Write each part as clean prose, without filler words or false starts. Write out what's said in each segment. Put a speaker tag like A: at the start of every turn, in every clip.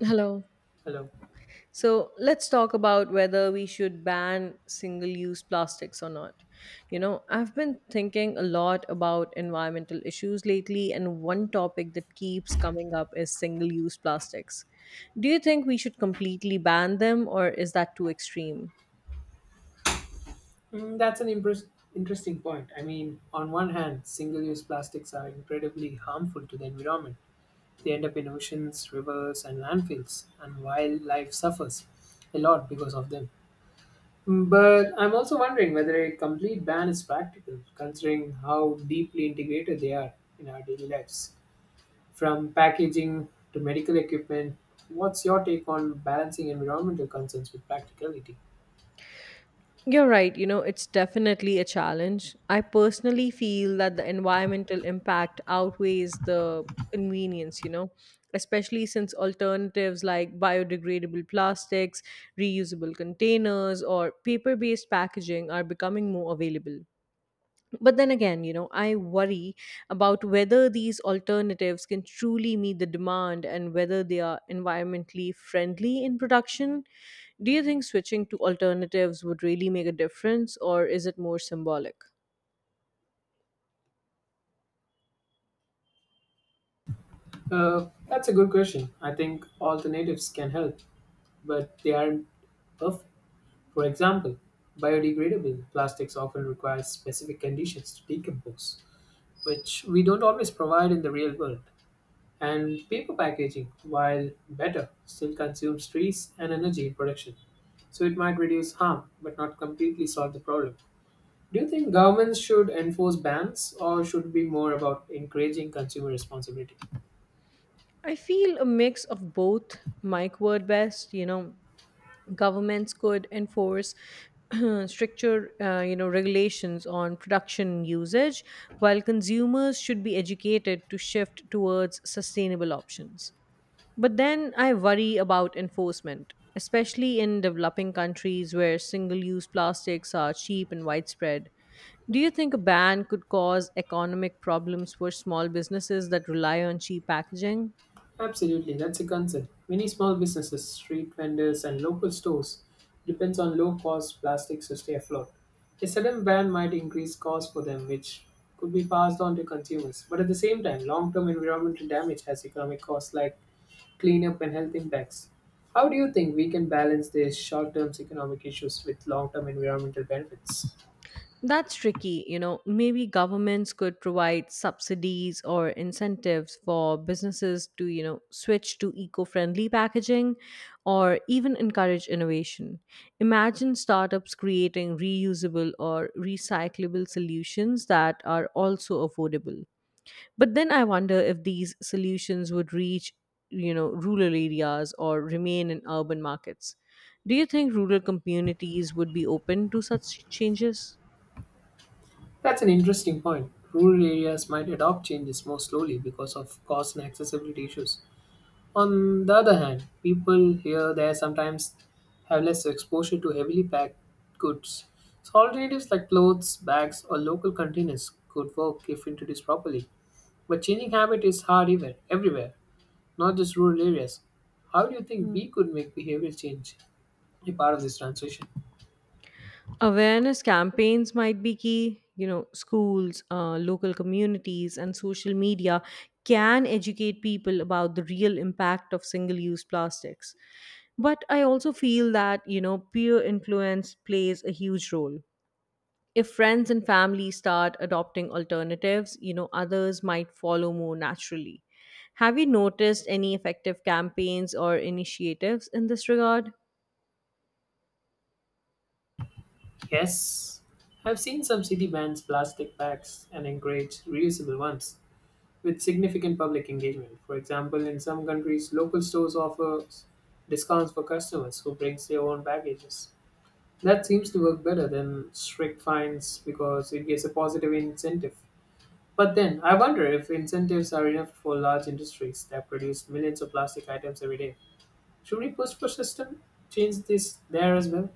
A: Hello.
B: Hello.
A: So let's talk about whether we should ban single use plastics or not. You
B: Okay.
A: know, I've been thinking a lot about environmental issues lately, and one topic that keeps coming up is single use plastics. Do you think we should completely ban them, or is that too extreme?
B: Mm, that's an impress- interesting point. I mean, on one hand, single-use plastics are incredibly harmful to the environment. They end up in oceans, rivers, and landfills, and wildlife suffers a lot because of them. But I'm also wondering whether a complete ban is practical, considering how deeply integrated they are in our daily lives. From packaging to medical equipment, what's your take on balancing environmental concerns with practicality?
A: You're right, you know, it's definitely a challenge. I personally feel that the environmental impact outweighs the convenience, you know, especially since alternatives like biodegradable plastics, reusable containers, or paper based packaging are becoming more available. But then again, you know, I worry about whether these alternatives can truly meet the demand and whether they are environmentally friendly in production. Do you think switching to alternatives would really make a difference or is it more symbolic?
B: That's a good question. I think alternatives can help, but they aren't perfect. For example, biodegradable plastics often require specific conditions to decompose, which we don't always provide in the real world. And paper packaging, while better, still consumes trees and energy in production. So it might reduce harm, but not completely solve the problem. Do you think governments should enforce bans, or should it be more about encouraging consumer responsibility?
A: I feel a mix of both might work best. You know, governments could enforce stricter, you know, regulations on production usage, while consumers should be educated to shift towards sustainable options. But then I worry about enforcement, especially in developing countries where single-use plastics are cheap and widespread. Do you think a ban could cause economic problems for small businesses that rely on cheap packaging?
B: Absolutely, that's a concern. Many small businesses, street vendors, and local stores depends on low-cost plastics to stay afloat. A sudden ban might increase costs for them, which could be passed on to consumers. But at the same time, long-term environmental damage has economic costs like cleanup and health impacts. How do you think we can balance these short-term economic issues with long-term environmental benefits?
A: That's tricky. You know, maybe governments could provide subsidies or incentives for businesses to, you know, switch to eco friendly packaging or even encourage innovation. Imagine startups creating reusable or recyclable solutions that are also affordable. But then I wonder if these solutions would reach, you know, rural areas or remain in urban markets. Do you think rural communities would be open to such changes?
B: That's an interesting point. Rural areas might adopt changes more slowly because of cost and accessibility issues. On the other hand, people here there sometimes have less exposure to heavily packed goods. So alternatives like clothes, bags, or local containers could work if introduced properly. But changing habit is hard everywhere, not just rural areas. How do you think
A: Hmm.
B: we could make behavioral change a part of this transition?
A: Awareness campaigns might be key. You know, schools, local communities, and social media can educate people about the real impact of single use plastics. But I also feel that, you know, peer influence plays a huge role. If friends and family start adopting alternatives, you know, others might follow more naturally. Have you noticed any effective campaigns or initiatives in this regard?
B: Yes, I've seen some city bans plastic bags and encourage reusable ones with significant public engagement. For example, in some countries, local stores offer discounts for customers who brings their own packages. That seems to work better than strict fines because it gives a positive incentive. But then, I wonder if incentives are enough for large industries that produce millions of plastic items every day. Should we push for system change this there as well?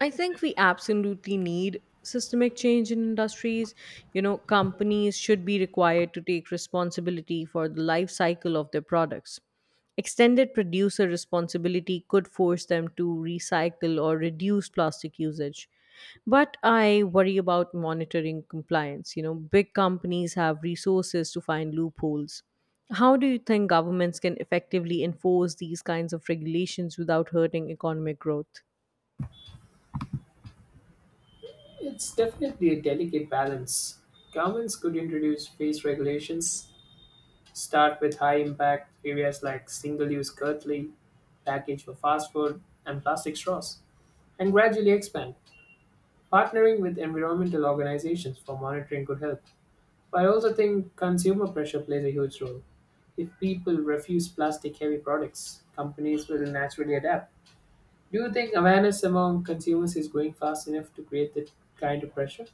A: I think we absolutely need systemic change in industries. You know, companies should be required to take responsibility for the life cycle of their products. Extended producer responsibility could force them to recycle or reduce plastic usage. But I worry about monitoring compliance. You know, big companies have resources to find loopholes. How do you think governments can effectively enforce these kinds of regulations without hurting economic growth?
B: It's definitely a delicate balance. Governments could introduce phase regulations. Start with high impact areas like single use cutlery, package for fast food, and plastic straws, and gradually expand, partnering with environmental organizations for monitoring good health. But I also think consumer pressure plays a huge role. If people refuse plastic heavy products, companies will naturally adapt. Do you think awareness among consumers is growing fast enough to create that kind of pressure?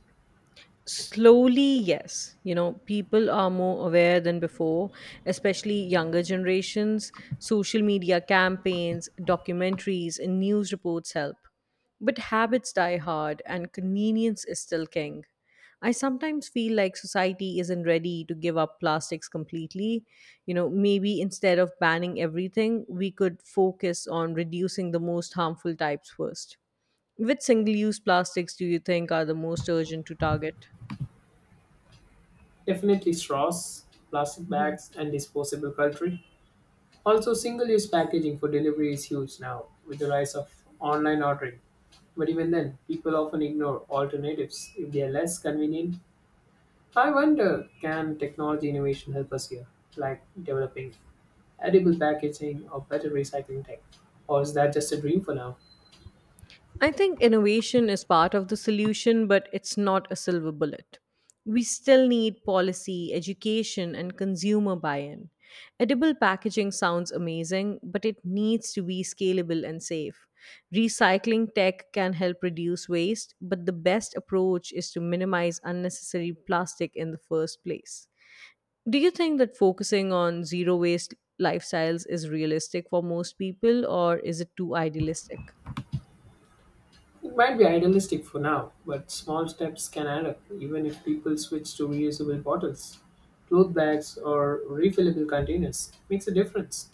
A: Slowly, yes. You know, people are more aware than before, especially younger generations. Social media campaigns, documentaries, and news reports help. But habits die hard, and convenience is still king. I sometimes feel like society isn't ready to give up plastics completely. You know, maybe instead of banning everything, we could focus on reducing the most harmful types first. Which single use plastics do you think are the most urgent to target?
B: Definitely straws, plastic
A: Mhm.
B: bags, and disposable cutlery. Also, single use packaging for delivery is huge now with the rise of online ordering. But even then, people often ignore alternatives if they are less convenient. I wonder, can technology innovation help us here, like developing edible packaging or better recycling tech? Or is that just a dream for now?
A: I think innovation is part of the solution, but it's not a silver bullet. We still need policy, education, and consumer buy in. Edible packaging sounds amazing, but it needs to be scalable and safe. Recycling tech can help reduce waste, but the best approach is to minimize unnecessary plastic in the first place. Do you think that focusing on zero waste lifestyles is realistic for most people, or is it too idealistic?
B: It might be idealistic for now, but small steps can add up, even if people switch to reusable bottles, cloth bags, or refillable containers. It makes a difference.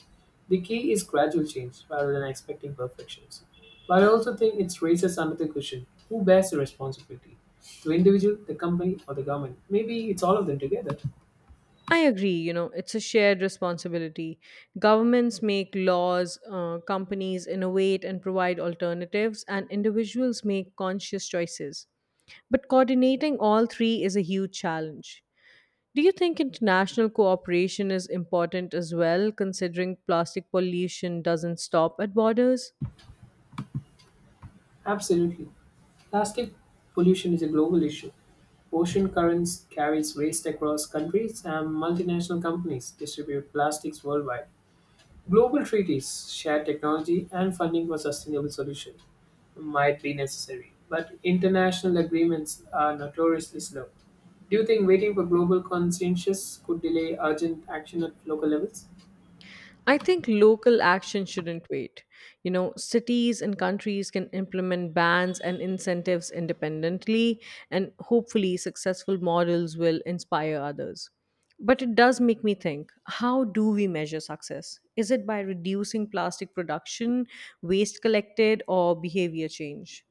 B: The key is gradual change rather than expecting perfections. But I also think it raises another question, who bears the responsibility? The individual, the company, or the government? Maybe it's all of them together.
A: I agree, you know, it's a shared responsibility. Governments make laws, companies innovate and provide alternatives, and individuals make conscious choices. But coordinating all three is a huge challenge. Do you think international cooperation is important as well, considering plastic pollution doesn't stop at borders?
B: Absolutely. Plastic pollution is a global issue. Ocean currents carries waste across countries and multinational companies distribute plastics worldwide. Global treaties share technology and funding for sustainable solutions might be necessary, but international agreements are notoriously slow. Do you think waiting for global consensus could delay urgent action at local levels?
A: I think local action shouldn't wait. You know, cities and countries can implement bans and incentives independently, and hopefully, successful models will inspire others. But it does make me think, how do we measure success? Is it by reducing plastic production, waste collected, or behavior change?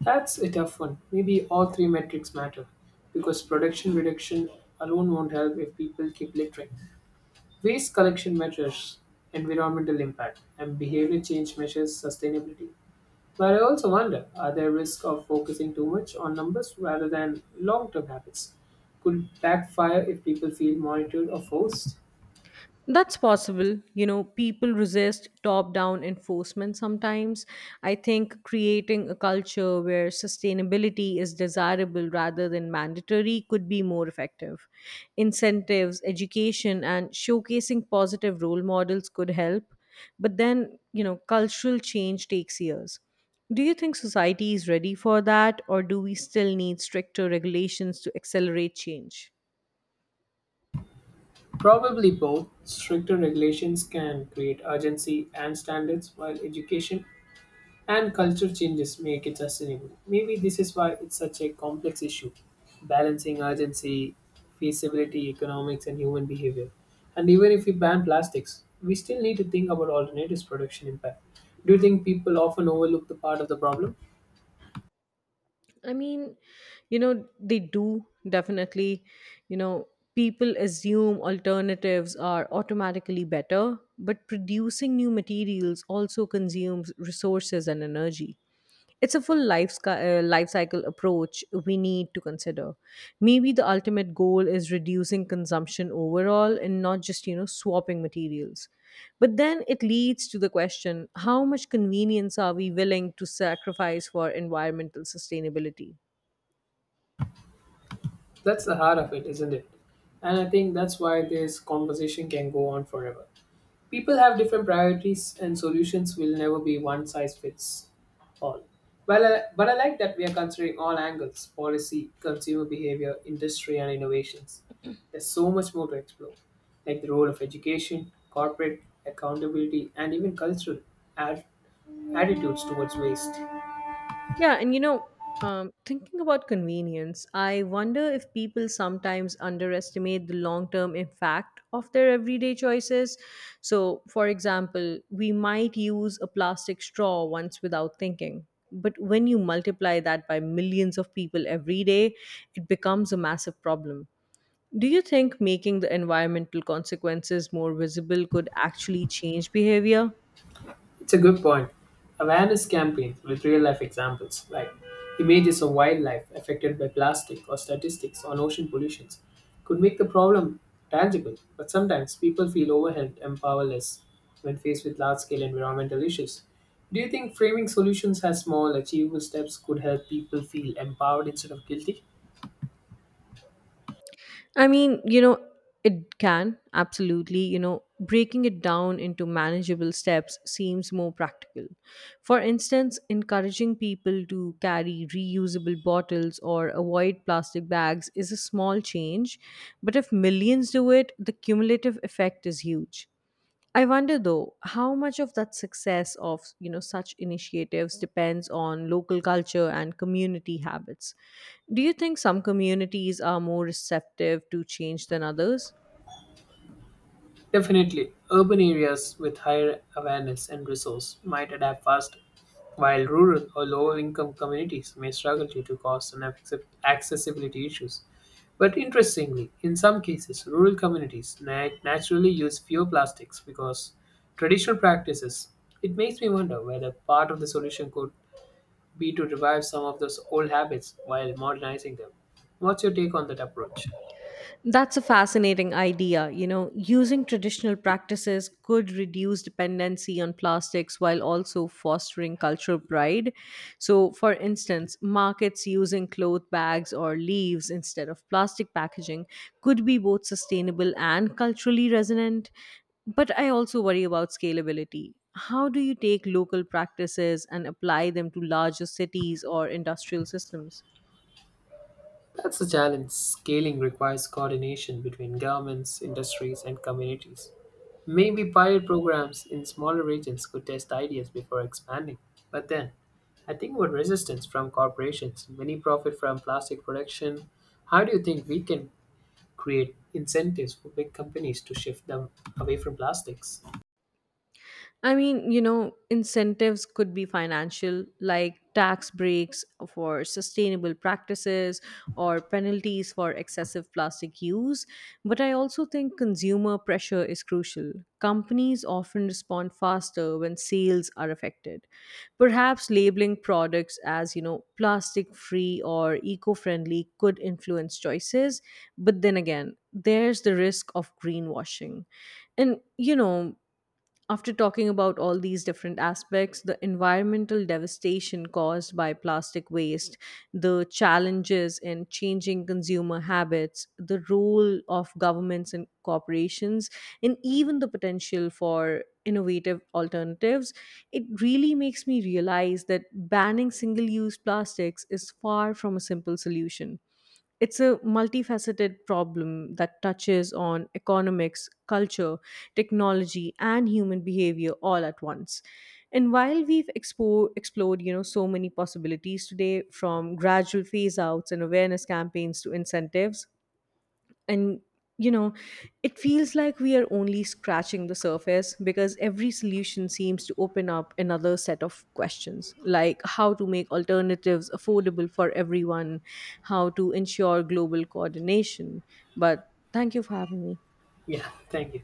B: That's a tough one. Maybe all three metrics matter because production reduction alone won't help if people keep littering. Waste collection measures environmental impact and behavior change measures sustainability. But I also wonder, are there risks of focusing too much on numbers rather than long term habits? Could backfire if people feel monitored or forced?
A: That's possible. You know, people resist top down enforcement sometimes. I think creating a culture where sustainability is desirable rather than mandatory could be more effective. Incentives, education, and showcasing positive role models could help. But then, you know, cultural change takes years. Do you think society is ready for that, or do we still need stricter regulations to accelerate change?
B: Probably both. Stricter regulations can create urgency and standards, while education and culture changes make it sustainable. Maybe this is why it's such a complex issue, balancing urgency, feasibility, economics, and human behavior. And even if we ban plastics, we still need to think about alternatives production impact. Do you think people often overlook the part of the problem?
A: I mean, you know, they do definitely, you know, people assume alternatives are automatically better, but producing new materials also consumes resources and energy. It's a full life cycle approach we need to consider. Maybe the ultimate goal is reducing consumption overall and not just, you know, swapping materials. But then it leads to the question, how much convenience are we willing to sacrifice for environmental sustainability?
B: That's the heart of it, isn't it? And I think that's why this conversation can go on forever. People have different priorities, and solutions will never be one size fits all. Well, but I like that we are considering all angles policy, consumer behavior, industry, and innovations. There's so much more to explore, like the role of education, corporate accountability, and even cultural ad- attitudes towards waste.
A: Yeah, and you know, thinking about convenience, I wonder if people sometimes underestimate the long term impact of their everyday choices. So, for example, we might use a plastic straw once without thinking. But when you multiply that by millions of people every day, it becomes a massive problem. Do you think making the environmental consequences more visible could actually change behavior?
B: It's a good point. Awareness campaigns with real life examples, like images of wildlife affected by plastic or statistics on ocean pollution, could make the problem tangible. But sometimes people feel overwhelmed and powerless when faced with large scale environmental issues. Do you think framing solutions as small, achievable steps could help people feel empowered instead of guilty?
A: I mean, you know, it can absolutely, you know, breaking it down into manageable steps seems more practical. For instance, encouraging people to carry reusable bottles or avoid plastic bags is a small change, but if millions do it, the cumulative effect is huge. I wonder though, how much of that success of, you know, such initiatives depends on local culture and community habits. Do you think some communities are more receptive to change than others?
B: Definitely, urban areas with higher awareness and resource might adapt faster, while rural or lower income communities may struggle due to cost and accessibility issues. But interestingly, in some cases, rural communities naturally use fewer plastics because traditional practices. It makes me wonder whether part of the solution could be to revive some of those old habits while modernizing them. What's your take on that approach?
A: That's a fascinating idea. You know, using traditional practices could reduce dependency on plastics while also fostering cultural pride. So, for instance, markets using cloth bags or leaves instead of plastic packaging could be both sustainable and culturally resonant. But I also worry about scalability. How do you take local practices and apply them to larger cities or industrial systems?
B: That's the challenge. Scaling requires coordination between governments, industries, and communities. Maybe pilot programs in smaller regions could test ideas before expanding. But then, I think about resistance from corporations. Many profit from plastic production. How do you think we can create incentives for big companies to shift them away from plastics?
A: I mean, you know, incentives could be financial, like tax breaks for sustainable practices or penalties for excessive plastic use. But I also think consumer pressure is crucial. Companies often respond faster when sales are affected. Perhaps labeling products as, you know, plastic free or eco friendly could influence choices. But then again, there's the risk of greenwashing, and you know, after talking about all these different aspects, the environmental devastation caused by plastic waste, the challenges in changing consumer habits, the role of governments and corporations, and even the potential for innovative alternatives, it really makes me realize that banning single use plastics is far from a simple solution. It's a multifaceted problem that touches on economics, culture, technology, and human behavior all at once. And while we've explored, you know, so many possibilities today, from gradual phase outs and awareness campaigns to incentives, and, you know, it feels like we are only scratching the surface, because every solution seems to open up another set of questions, like how to make alternatives affordable for everyone, how to ensure global coordination. But thank you for having me.
B: Yeah, thank you.